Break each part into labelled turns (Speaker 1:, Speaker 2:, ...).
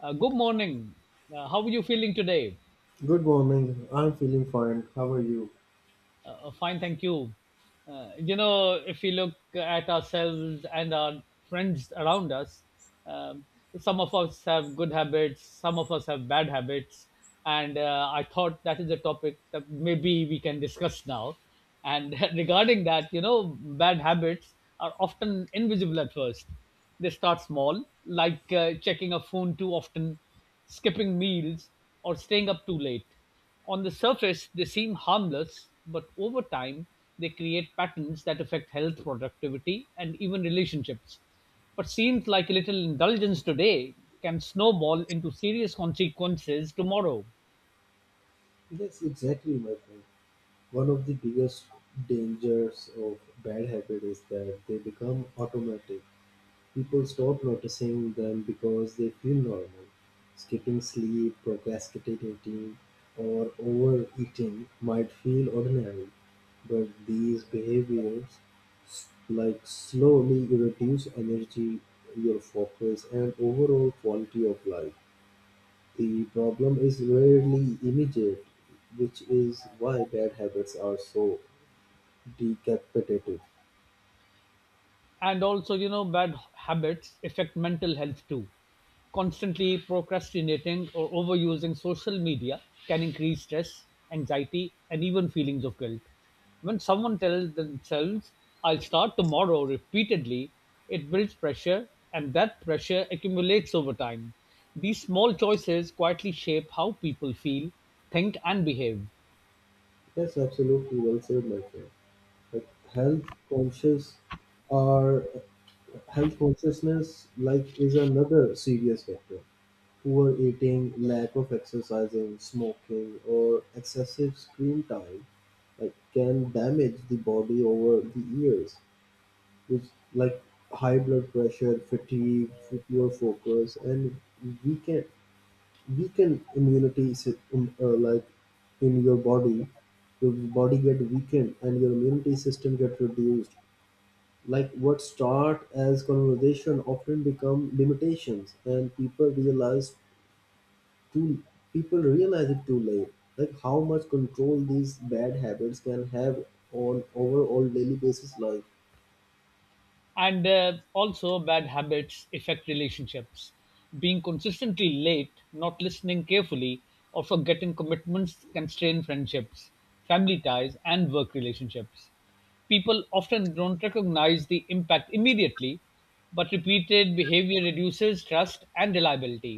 Speaker 1: Good morning. How are you feeling today?
Speaker 2: Good morning. I'm feeling fine. How are you?
Speaker 1: Fine, thank you. If we look at ourselves and our friends around us, um, some of us have good habits, some of us have bad habits, and I thought that is a topic that maybe we can discuss now. And regarding that, you know, bad habits are often invisible at first. They start small, like checking a phone too often, skipping meals, or staying up too late. On the surface, they seem harmless, but over time, they create patterns that affect health, productivity, and even relationships. What seems like a little indulgence today can snowball into serious consequences tomorrow.
Speaker 2: Yes, exactly, my friend. One of the biggest dangers of bad habit is that they become automatic. People stop noticing them because they feel normal. Skipping sleep, procrastinating, or overeating might feel ordinary, but these behaviors slowly reduce energy, your focus, and overall quality of life. The problem is rarely immediate, which is why bad habits are so decapitative.
Speaker 1: And also, you know, bad habits affect mental health too. Constantly procrastinating or overusing social media can increase stress, anxiety, and even feelings of guilt. When someone tells themselves I'll start tomorrow repeatedly, it builds pressure, and that pressure accumulates over time. These small choices quietly shape how people feel, think, and behave.
Speaker 2: That's absolutely well said, my friend. But health conscious are health consciousness is another serious factor. Poor eating, lack of exercising, smoking, or excessive screen time can damage the body over the years, which like high blood pressure, fatigue, poor focus, and weaken weaken immunity in your body. Your body get weakened and your immunity system get reduced. Like what start as conversation often become limitations, and too people realize it too late. Like how much control these bad habits can have on overall daily basis life.
Speaker 1: And also, bad habits affect relationships. Being consistently late, not listening carefully, or forgetting commitments can strain friendships, family ties, and work relationships. People often don't recognize the impact immediately, but repeated behavior reduces trust and reliability.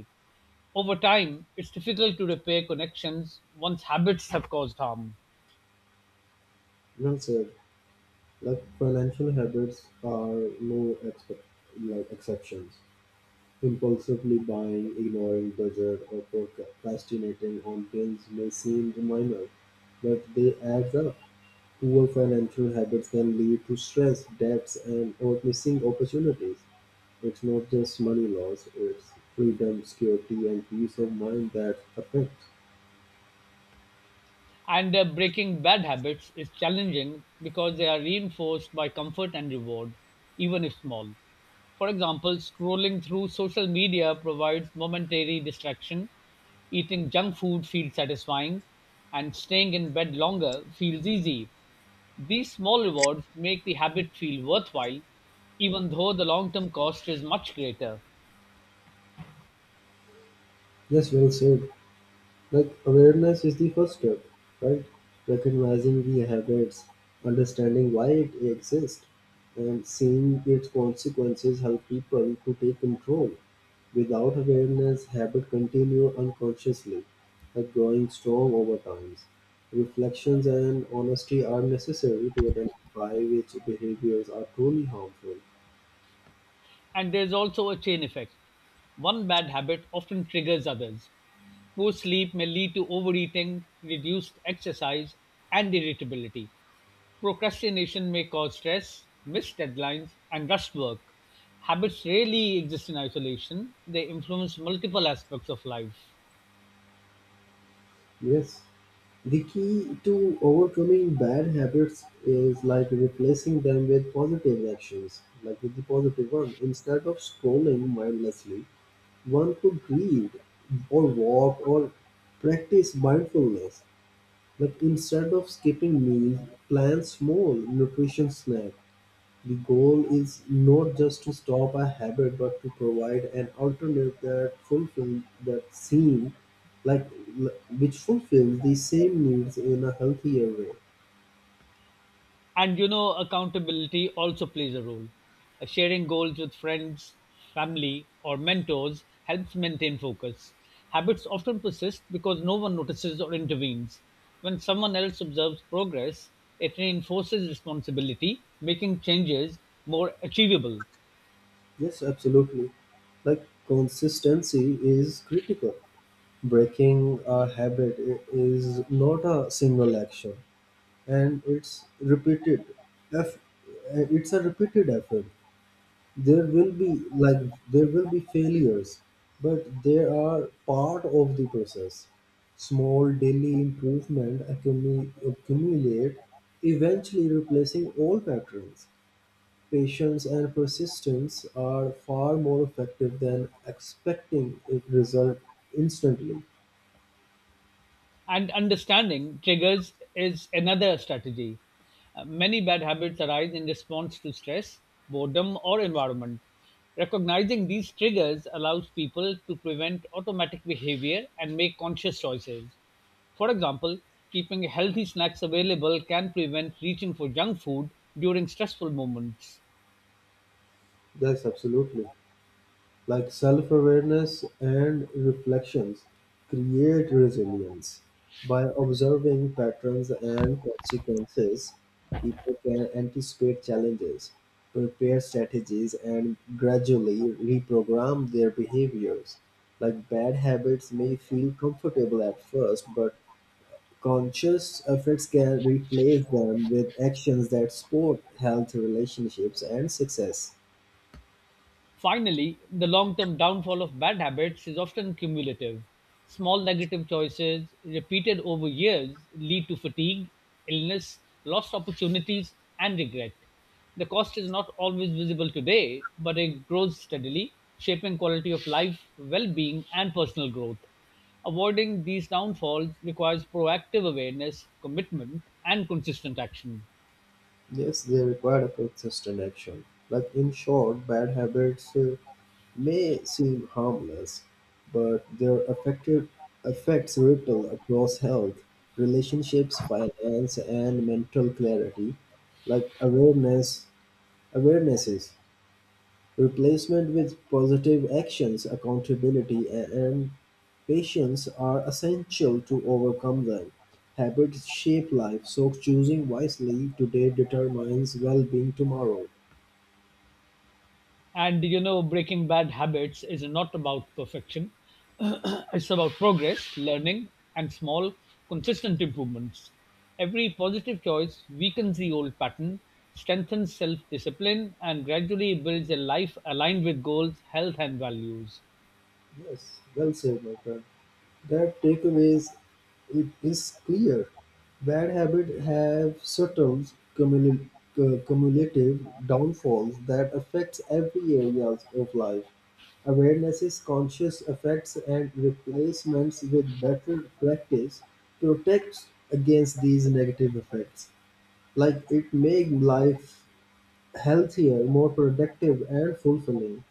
Speaker 1: Over time, it's difficult to repair connections once habits have caused harm.
Speaker 2: You know, sir. Like financial habits are no expect, like exceptions. Impulsively buying, ignoring budget, or procrastinating on bills may seem minor, but they add up. Poor financial habits can lead to stress, debts, and or missing opportunities. It's not just money loss; it's freedom, security, and peace of mind that affect.
Speaker 1: And breaking bad habits is challenging because they are reinforced by comfort and reward, even if small. For example, scrolling through social media provides momentary distraction, eating junk food feels satisfying, and staying in bed longer feels easy. These small rewards make the habit feel worthwhile, even though the long term cost is much greater.
Speaker 2: Yes, well said. Like awareness is the first step, right? Recognizing the habits, understanding why it exists, and seeing its consequences help people to take control. Without awareness, habit continue unconsciously, like growing strong over time. Reflections and honesty are necessary to identify which behaviors are truly harmful.
Speaker 1: And there's also a chain effect. One bad habit often triggers others. Poor sleep may lead to overeating, reduced exercise, and irritability. Procrastination may cause stress, missed deadlines, and rushed work. Habits rarely exist in isolation, they influence multiple aspects of life.
Speaker 2: Yes, the key to overcoming bad habits is like replacing them with positive actions, like with the positive one. Instead of scrolling mindlessly, one could read or walk or practice mindfulness. Like instead of skipping meals, plan small nutrition snacks. The goal is not just to stop a habit but to provide an alternative that fulfills that like l- which fulfills the same needs in a healthier way.
Speaker 1: And you know, accountability also plays a role. Sharing goals with friends, family, or mentors helps maintain focus. Habits often persist because no one notices or intervenes. When someone else observes progress, it reinforces responsibility, making changes more achievable.
Speaker 2: Yes, absolutely. Like consistency is critical. Breaking a habit is not a single action, and eff- it's a repeated effort. There will be there will be failures, but they are part of the process. Small daily improvement accumulate, eventually replacing old patterns. Patience and persistence are far more effective than expecting a result instantly.
Speaker 1: And understanding triggers is another strategy. Many bad habits arise in response to stress, boredom, or environment. Recognizing these triggers allows people to prevent automatic behavior and make conscious choices. For example, keeping healthy snacks available can prevent reaching for junk food during stressful moments.
Speaker 2: That's absolutely self awareness and reflections create resilience. By observing patterns and consequences, people can anticipate challenges, prepare strategies, and gradually reprogram their behaviors. Like bad habits may feel comfortable at first, but conscious efforts can replace them with actions that support health, relationships, and success.
Speaker 1: Finally, the long term downfall of bad habits is often cumulative. Small negative choices, repeated over years, lead to fatigue, illness, lost opportunities, and regret. The cost is not always visible today, but it grows steadily, shaping quality of life, well being, and personal growth. Avoiding these downfalls requires proactive awareness, commitment, and consistent action.
Speaker 2: Yes, they require a consistent action. Like in short, bad habits may seem harmless, but their affected effects ripple across health, relationships, finance, and mental clarity. Like awarenesses, replacement with positive actions, accountability, and patience are essential to overcome them. Habits shape life, so choosing wisely today determines well-being tomorrow.
Speaker 1: And you know, breaking bad habits is not about perfection, it's about progress, learning, and small, consistent improvements. Every positive choice weakens the old pattern, strengthens self discipline, and gradually builds a life aligned with goals, health, and values.
Speaker 2: Yes, well said, my friend. That takeaways it is clear. Bad habits have subtle cumul- cumulative downfalls that affects every area of life. Awareness is conscious effects and replacements with better practice protects against these negative effects. Like it makes life healthier, more productive, and fulfilling.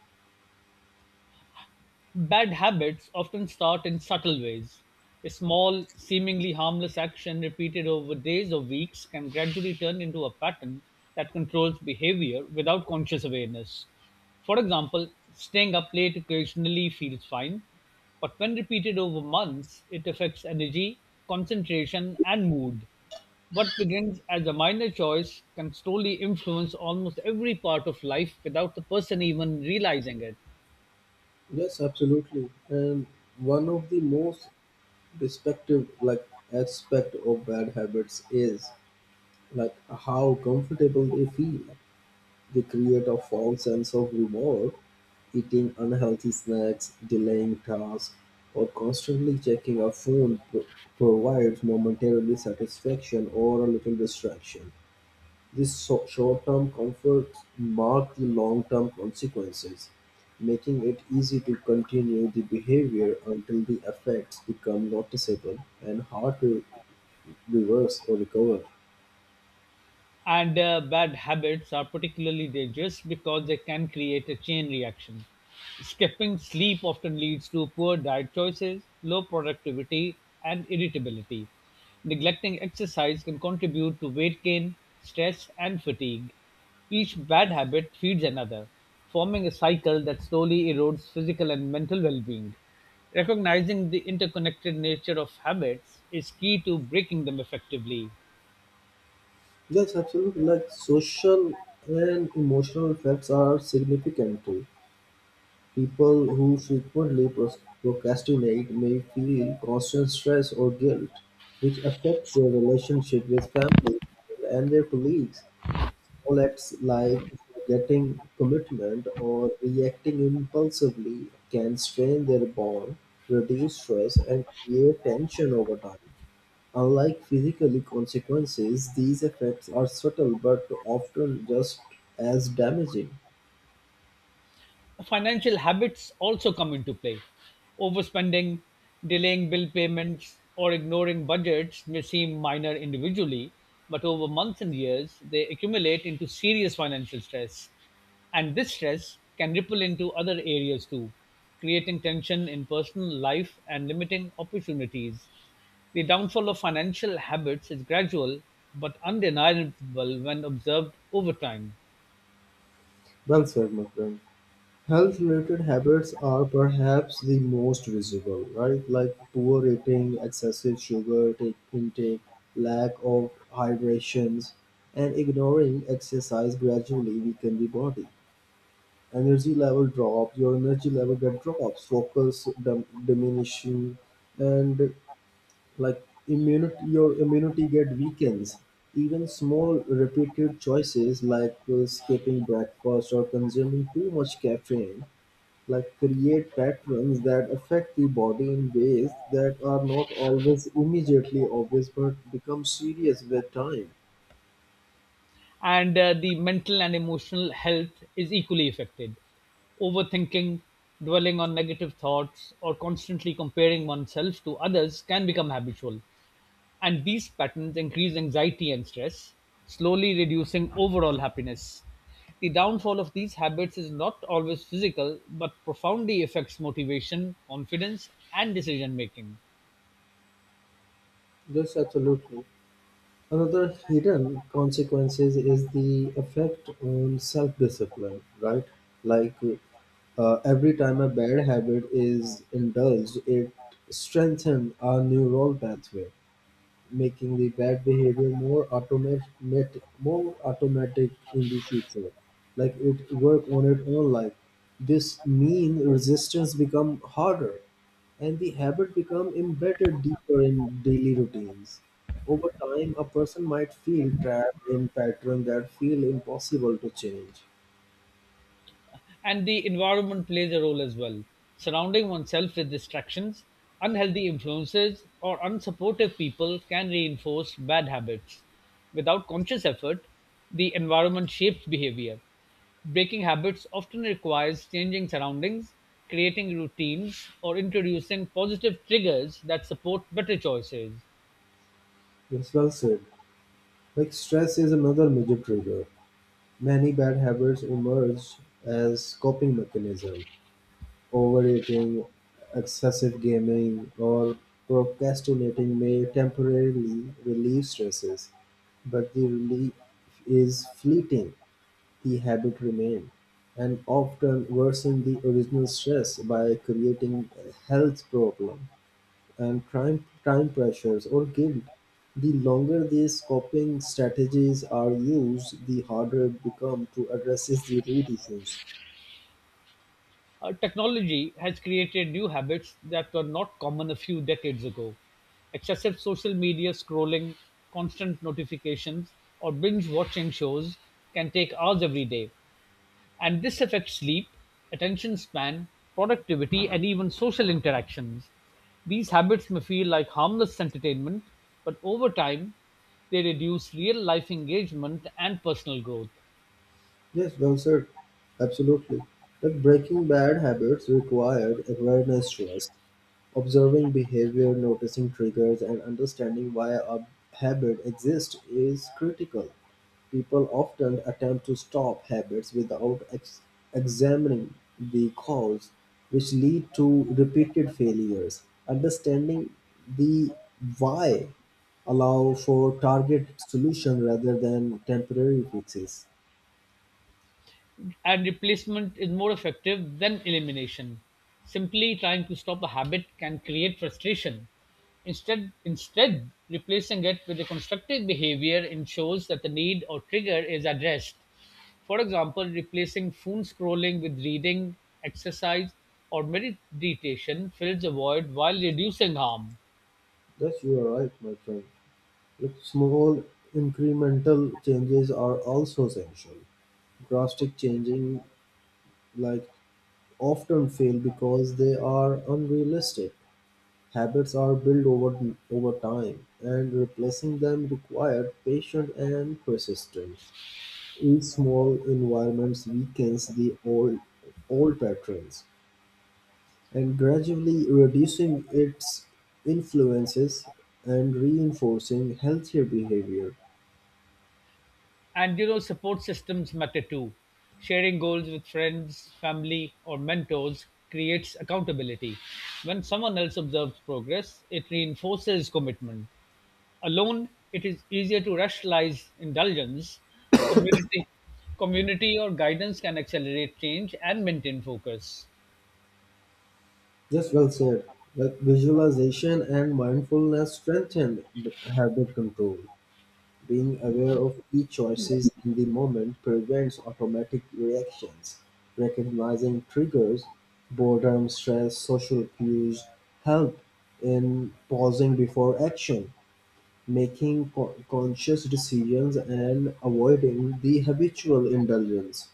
Speaker 1: Bad habits often start in subtle ways. A small, seemingly harmless action repeated over days or weeks can gradually turn into a pattern that controls behavior without conscious awareness. For example, staying up late occasionally feels fine, but when repeated over months, it affects energy, concentration, and mood. What begins as a minor choice can slowly influence almost every part of life without the person even realizing it.
Speaker 2: Yes, absolutely. And one of the most Respective like aspect of bad habits is like how comfortable they feel. They create a false sense of reward. Eating unhealthy snacks, delaying tasks, or constantly checking a phone provides momentarily satisfaction or a little distraction. This short-term comfort marked the long-term consequences, making it easy to continue the behavior until the effects become noticeable and hard to reverse or recover.
Speaker 1: And bad habits are particularly dangerous because they can create a chain reaction. Skipping sleep often leads to poor diet choices, low productivity, and irritability. Neglecting exercise can contribute to weight gain, stress, and fatigue. Each bad habit feeds another, forming a cycle that slowly erodes physical and mental well being. Recognizing the interconnected nature of habits is key to breaking them effectively.
Speaker 2: Yes, absolutely. Like social and emotional effects are significant too. People who frequently procrastinate may feel constant stress or guilt, which affects their relationship with family and their colleagues. Small acts like forgetting commitment or reacting impulsively can strain their bond, reduce stress, and create tension over time. Unlike physical consequences, these effects are subtle but often just as damaging.
Speaker 1: Financial habits also come into play. Overspending, delaying bill payments, or ignoring budgets may seem minor individually, but over months and years, they accumulate into serious financial stress. And this stress can ripple into other areas too, creating tension in personal life and limiting opportunities. The downfall of financial habits is gradual but undeniable when observed over time.
Speaker 2: Well said, my friend. Health related habits are perhaps the most visible, right? Like poor eating, excessive sugar intake, lack of hydrations, and ignoring exercise gradually weaken the body. Your energy level get drops, focus diminishing, and like your immunity get weakens. Even small repeated choices like skipping breakfast or consuming too much caffeine like create patterns that affect the body in ways that are not always immediately obvious but become serious with time.
Speaker 1: And the mental and emotional health is equally affected. Overthinking, dwelling on negative thoughts, or constantly comparing oneself to others can become habitual. And these patterns increase anxiety and stress, slowly reducing overall happiness. The downfall of these habits is not always physical, but profoundly affects motivation, confidence, and decision making.
Speaker 2: Yes, absolutely. Another hidden consequences is the effect on self-discipline, right? Like every time a bad habit is indulged, it strengthens our neural pathway, making the bad behavior more automatic in the future. Like it work on its own. Like this mean resistance become harder, and the habit become embedded deeper in daily routines. Over time, a person might feel trapped in pattern that feel impossible to change.
Speaker 1: And the environment plays a role as well. Surrounding oneself with distractions, unhealthy influences, or unsupportive people can reinforce bad habits. Without conscious effort, the environment shapes behavior. Breaking habits often requires changing surroundings, creating routines, or introducing positive triggers that support better choices.
Speaker 2: Yes, well said. Like stress is another major trigger. Many bad habits emerge as coping mechanism. Overeating, excessive gaming, or procrastinating may temporarily relieve stresses, but the relief is fleeting. The habit remains, and often worsen the original stress by creating health problem and time pressures or guilt. The longer these coping strategies are used, the harder it becomes to address the root issues.
Speaker 1: Technology has created new habits that were not common a few decades ago. Excessive social media scrolling, constant notifications, or binge watching shows can take hours every day. And this affects sleep, attention span, productivity, and even social interactions. These habits may feel like harmless entertainment, but over time, they reduce real life engagement and personal growth.
Speaker 2: Yes, well said. Absolutely. Like breaking bad habits required awareness to us, observing behavior, noticing triggers, and understanding why a habit exists is critical. People often attempt to stop habits without examining the cause, which lead to repeated failures. Understanding the why allow for target solution rather than temporary fixes.
Speaker 1: And replacement is more effective than elimination. Simply trying to stop a habit can create frustration. Instead, replacing it with a constructive behavior ensures that the need or trigger is addressed. For example, replacing phone scrolling with reading, exercise, or meditation fills a void while reducing harm.
Speaker 2: Yes, you are right, my friend. Look, small incremental changes are also essential. Drastic changing like often fail because they are unrealistic. Habits are built over time, and replacing them required patience and persistence. Each small environment weakens the old patterns, and gradually reducing its influences and reinforcing healthier behavior.
Speaker 1: And you know, support systems matter too. Sharing goals with friends, family, or mentors creates accountability. When someone else observes progress, it reinforces commitment. Alone, it is easier to rationalize indulgence. Community, community or guidance can accelerate change and maintain focus.
Speaker 2: Just well said. Like visualization and mindfulness strengthen habit control. Being aware of each choices in the moment prevents automatic reactions. Recognizing triggers, boredom, stress, social cues help in pausing before action, making conscious decisions and avoiding the habitual indulgence.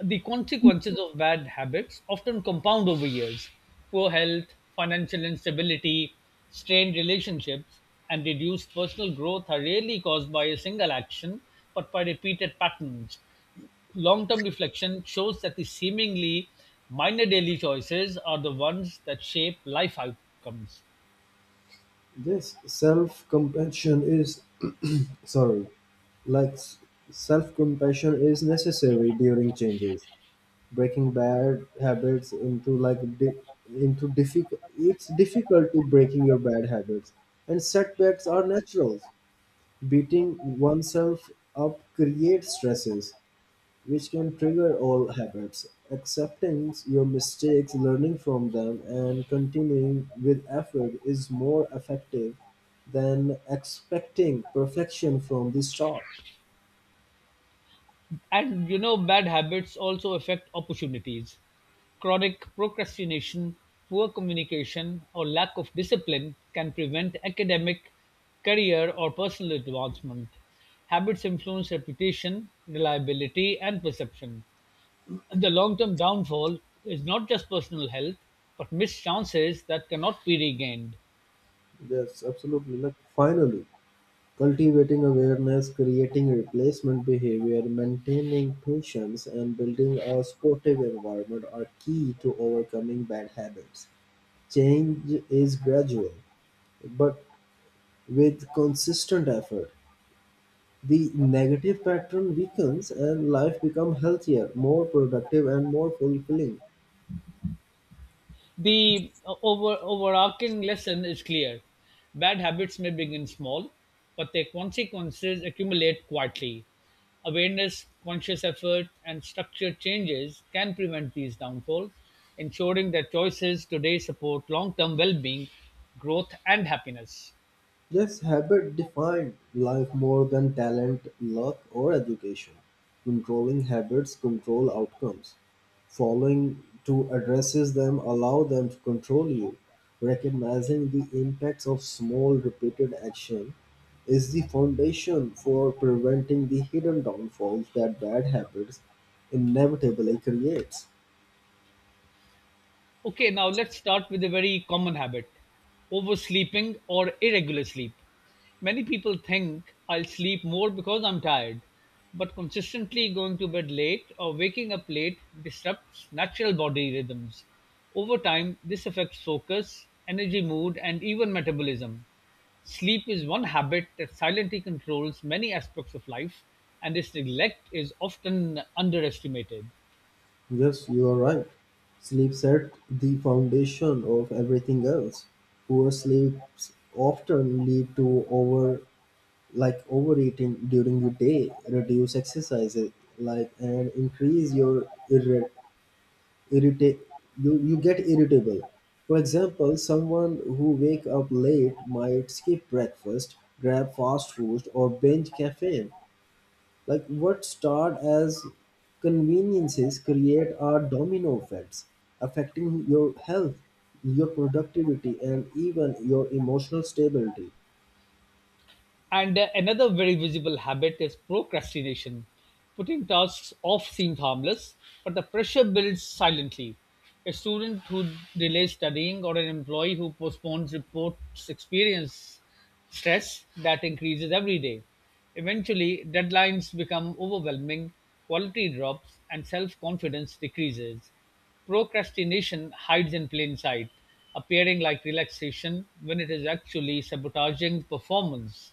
Speaker 1: The consequences of bad habits often compound over years. Poor health, financial instability, strained relationships, and reduced personal growth are rarely caused by a single action, but by repeated patterns. Long term reflection shows that the seemingly minor daily choices are the ones that shape life outcomes.
Speaker 2: This self compassion is, sorry Like self-compassion is necessary during changes. Breaking bad habits into like di- into difficult. It's difficulty breaking your bad habits, and setbacks are natural. Beating oneself up creates stresses, which can trigger all habits. Accepting your mistakes, learning from them, and continuing with effort is more effective than expecting perfection from the start.
Speaker 1: And you know, bad habits also affect opportunities. Chronic procrastination, poor communication, or lack of discipline can prevent academic, career, or personal advancement. Habits influence reputation, reliability, and perception. And the long term downfall is not just personal health, but missed chances that cannot be regained.
Speaker 2: Yes, absolutely. Like finally, cultivating awareness, creating replacement behavior, maintaining patience, and building a supportive environment are key to overcoming bad habits. Change is gradual, but with consistent effort, the negative pattern weakens and life becomes healthier, more productive, and more fulfilling.
Speaker 1: The overarching lesson is clear. Bad habits may begin small, but their consequences accumulate quietly. Awareness, conscious effort, and structured changes can prevent these downfalls, ensuring that choices today support long term well being, growth, and happiness.
Speaker 2: Yes, habit defined life more than talent, luck, or education. Controlling habits control outcomes. Following to addresses them allow them to control you. Recognizing the impacts of small repeated action is the foundation for preventing the hidden downfalls that bad habits inevitably creates.
Speaker 1: Okay, now let's start with a very common habit, oversleeping or irregular sleep. Many people think I'll sleep more because I'm tired, but consistently going to bed late or waking up late disrupts natural body rhythms. Over time, this affects focus, energy, mood, and even metabolism. Sleep is one habit that silently controls many aspects of life, and its neglect is often underestimated.
Speaker 2: Yes, you are right. Sleep's at the foundation of everything else. Poor sleeps often lead to overeating during the day, reduce exercise, like and increase your irritate you get irritable. For example, someone who wake up late might skip breakfast, grab fast food or binge caffeine like what start as conveniences create are domino effects affecting your health, your productivity, and even your emotional stability.
Speaker 1: And another very visible habit is procrastination. Putting tasks off seems harmless, but the pressure builds silently. A student who delays studying or an employee who postpones reports experience stress that increases every day. Eventually, deadlines become overwhelming, quality drops, and self confidence decreases. Procrastination hides in plain sight, appearing like relaxation when it is actually sabotaging performance.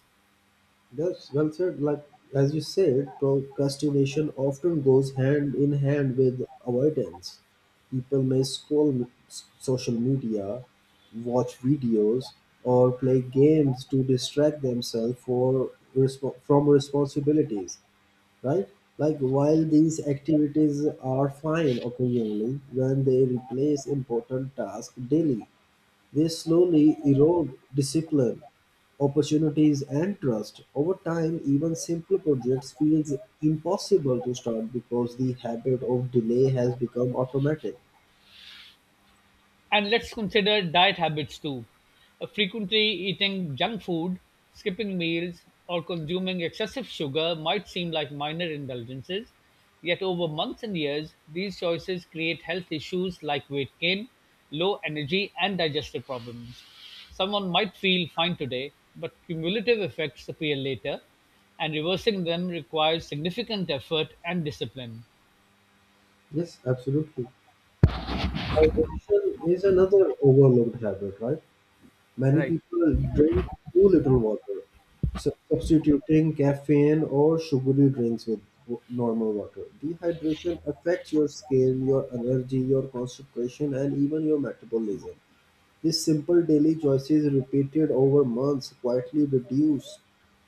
Speaker 2: That's well said. Like as you said, procrastination often goes hand in hand with avoidance. People may scroll social media, watch videos, or play games to distract themselves from responsibilities, right? Like while these activities are fine occasionally, when they replace important tasks daily, they slowly erode discipline, opportunities and trust. Over time, even simple projects feels impossible to start because the habit of delay has become automatic.
Speaker 1: And let's consider diet habits too. Frequently eating junk food, skipping meals, or consuming excessive sugar might seem like minor indulgences, yet over months and years, these choices create health issues like weight gain, low energy, and digestive problems. Someone might feel fine today, but cumulative effects appear later, and reversing them requires significant effort and discipline.
Speaker 2: Yes, absolutely. Addiction is another overlooked habit, right? Many
Speaker 1: Right.
Speaker 2: people drink too little water, so substituting caffeine or sugary drinks with normal water. Dehydration affects your skin, your energy, your concentration, and even your metabolism. These simple daily choices, repeated over months, quietly reduce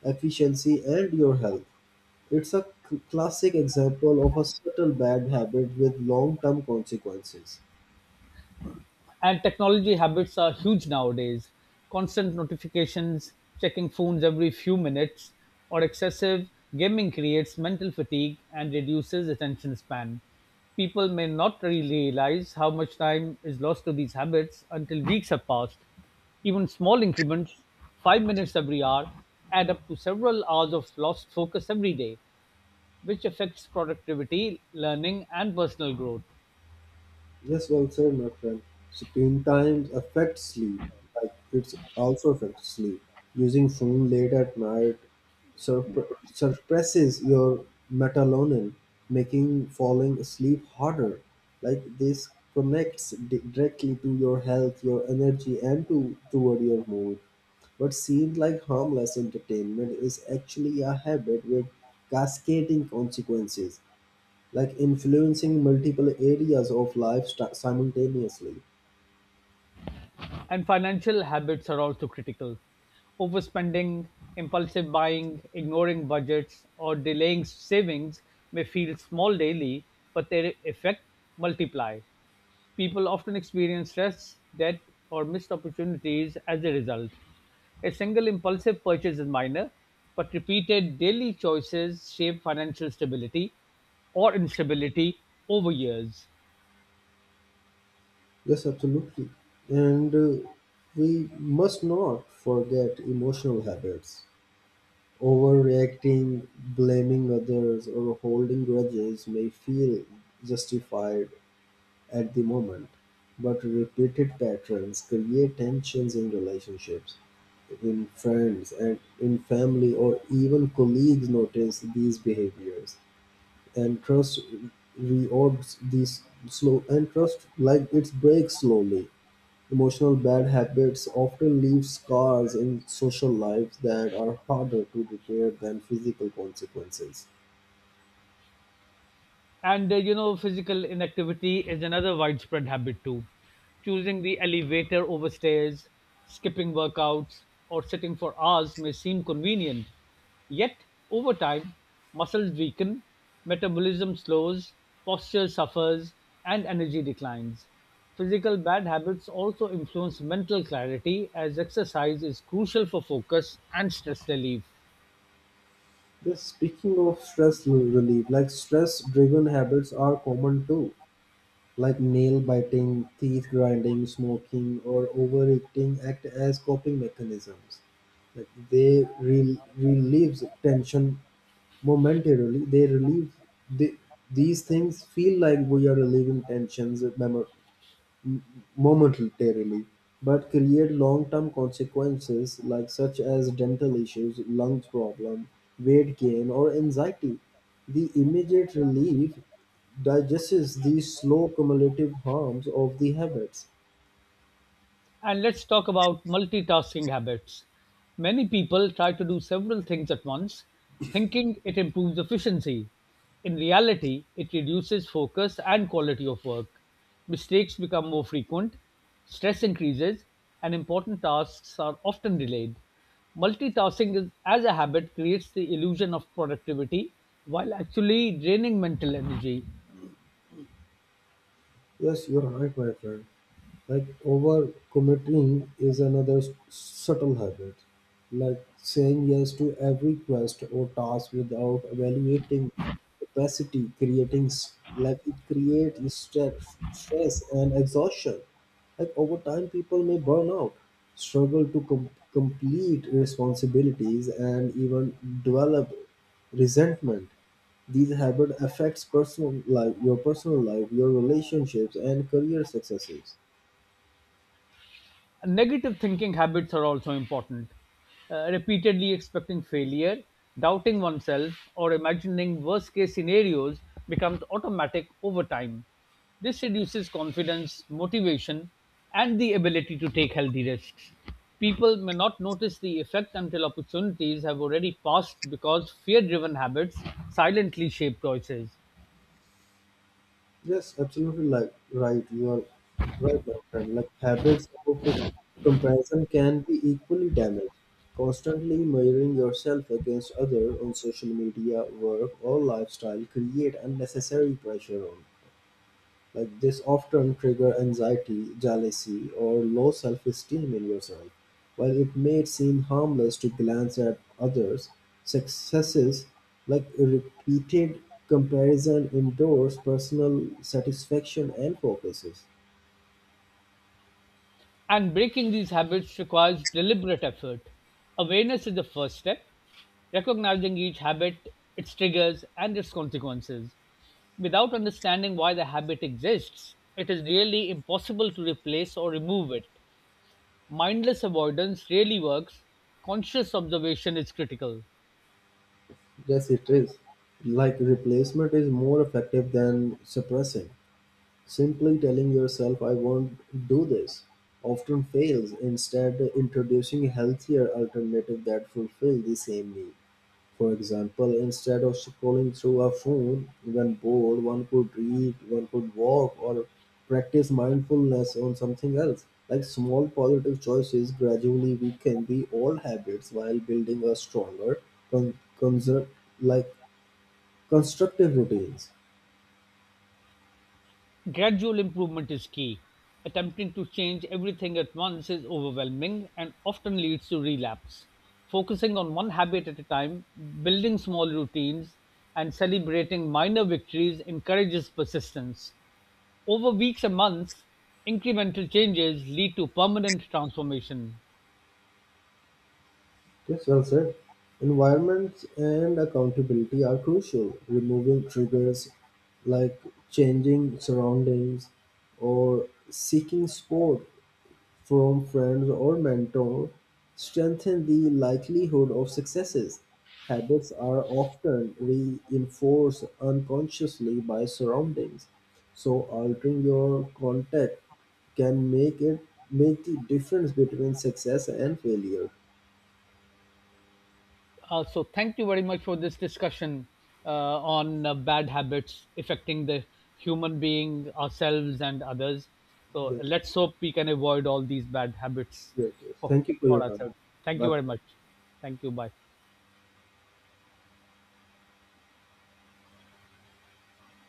Speaker 2: efficiency and your health. It's a classic example of a subtle bad habit with long term consequences.
Speaker 1: And technology habits are huge nowadays. Constant notifications, checking phones every few minutes, or excessive gaming creates mental fatigue and reduces attention span. People may not really realize how much time is lost to these habits until weeks have passed. Even small increments, 5 minutes every hour, add up to several hours of lost focus every day, which affects productivity, learning, and personal growth.
Speaker 2: Yes, well said, my friend. Screen time affects sleep. Like it's also affects sleep. Using phone late at night suppresses your melatonin, making falling asleep harder. Like this connects directly to your health, your energy, and to toward your mood. What seemed like harmless entertainment is actually a habit with cascading consequences like influencing multiple areas of life simultaneously.
Speaker 1: And financial habits are also critical. Overspending, impulsive buying, ignoring budgets, or delaying savings may feel small daily, but their effect multiply. People often experience stress, debt, or missed opportunities as a result. A single impulsive purchase is minor, but repeated daily choices shape financial stability or instability over years.
Speaker 2: Yes, absolutely. And we must not forget emotional habits. Overreacting, blaming others, or holding grudges may feel justified at the moment, but repeated patterns create tensions in relationships in friends and in family or even colleagues notice these behaviors. And trust reorbs these slow, and trust like it breaks slowly. Emotional bad habits often leave scars in social lives that are harder to repair than physical consequences.
Speaker 1: And physical inactivity is another widespread habit too. Choosing the elevator over stairs, skipping workouts, or sitting for hours may seem convenient. Yet, over time, muscles weaken, metabolism slows, posture suffers, and energy declines. Physical bad habits also influence mental clarity, as exercise is crucial for focus and stress relief.
Speaker 2: Just speaking of stress relief, like stress driven habits are common too. Like nail biting, teeth grinding, smoking, or overeating act as coping mechanisms like they relieves tension. Momentarily, they relieve the, these things feel like we are relieving tensions momentarily, but create long-term consequences like such as dental issues, lungs problem, weight gain, or anxiety. The immediate relief digests these slow cumulative harms of the habits.
Speaker 1: And let's talk about multitasking habits. Many people try to do several things at once, thinking it improves efficiency. In reality, it reduces focus and quality of work. Mistakes become more frequent, stress increases, and important tasks are often delayed. Multitasking is, as a habit, creates the illusion of productivity while actually draining mental energy.
Speaker 2: Yes, you're right, my friend. Like overcommitting is another subtle habit, like saying yes to every quest or task without evaluating capacity, creating it creates stress and exhaustion. Like over time, people may burn out, struggle to complete responsibilities, and even develop resentment. These habit affects personal life, your personal life, your relationships and career successes.
Speaker 1: Negative thinking habits are also important. Repeatedly expecting failure, doubting oneself, or imagining worst case scenarios becomes automatic over time. This reduces confidence, motivation, and the ability to take healthy risks. People may not notice the effect until opportunities have already passed because fear driven habits silently shape choices.
Speaker 2: Yes, absolutely. Like right, you are right, my friend. Like habits of comparison can be equally damaged. Constantly measuring yourself against other on social media, work, or lifestyle create unnecessary pressure on like this often trigger anxiety, jealousy, or low self-esteem in yourself. While it may seem harmless to glance at others, successes like repeated comparison endorse personal satisfaction and focuses.
Speaker 1: And breaking these habits requires deliberate effort. Awareness is the first step, recognizing each habit, its triggers, and its consequences. Without understanding why the habit exists, it is really impossible to replace or remove it. Mindless avoidance rarely works, conscious observation is critical.
Speaker 2: Yes, it is. Like replacement is more effective than suppressing. Simply telling yourself, I won't do this, often fails. Instead, introducing a healthier alternative that fulfills the same need. For example, instead of scrolling through a phone when bored, one could read, one could walk, or practice mindfulness on something else. Like small positive choices gradually we can the old habits while building a stronger, con- conser- like constructive routines.
Speaker 1: Gradual improvement is key. Attempting to change everything at once is overwhelming and often leads to relapse. Focusing on one habit at a time, building small routines, and celebrating minor victories encourages persistence. Over weeks and months, incremental changes lead to permanent transformation.
Speaker 2: Yes, well said. Environment and accountability are crucial. Removing triggers like changing surroundings or seeking support from friends or mentors strengthen the likelihood of successes. Habits are often reinforced unconsciously by surroundings, so altering your contact can make the difference between success and failure.
Speaker 1: So, thank you very much for this discussion uh, on bad habits affecting the human being, ourselves, and others. So,
Speaker 2: Yes,
Speaker 1: let's hope we can avoid all these bad habits
Speaker 2: yes.
Speaker 1: for,
Speaker 2: Thank you for your
Speaker 1: for
Speaker 2: time.
Speaker 1: ourselves. Thank you very
Speaker 2: Bye.
Speaker 1: much. Thank you. Bye.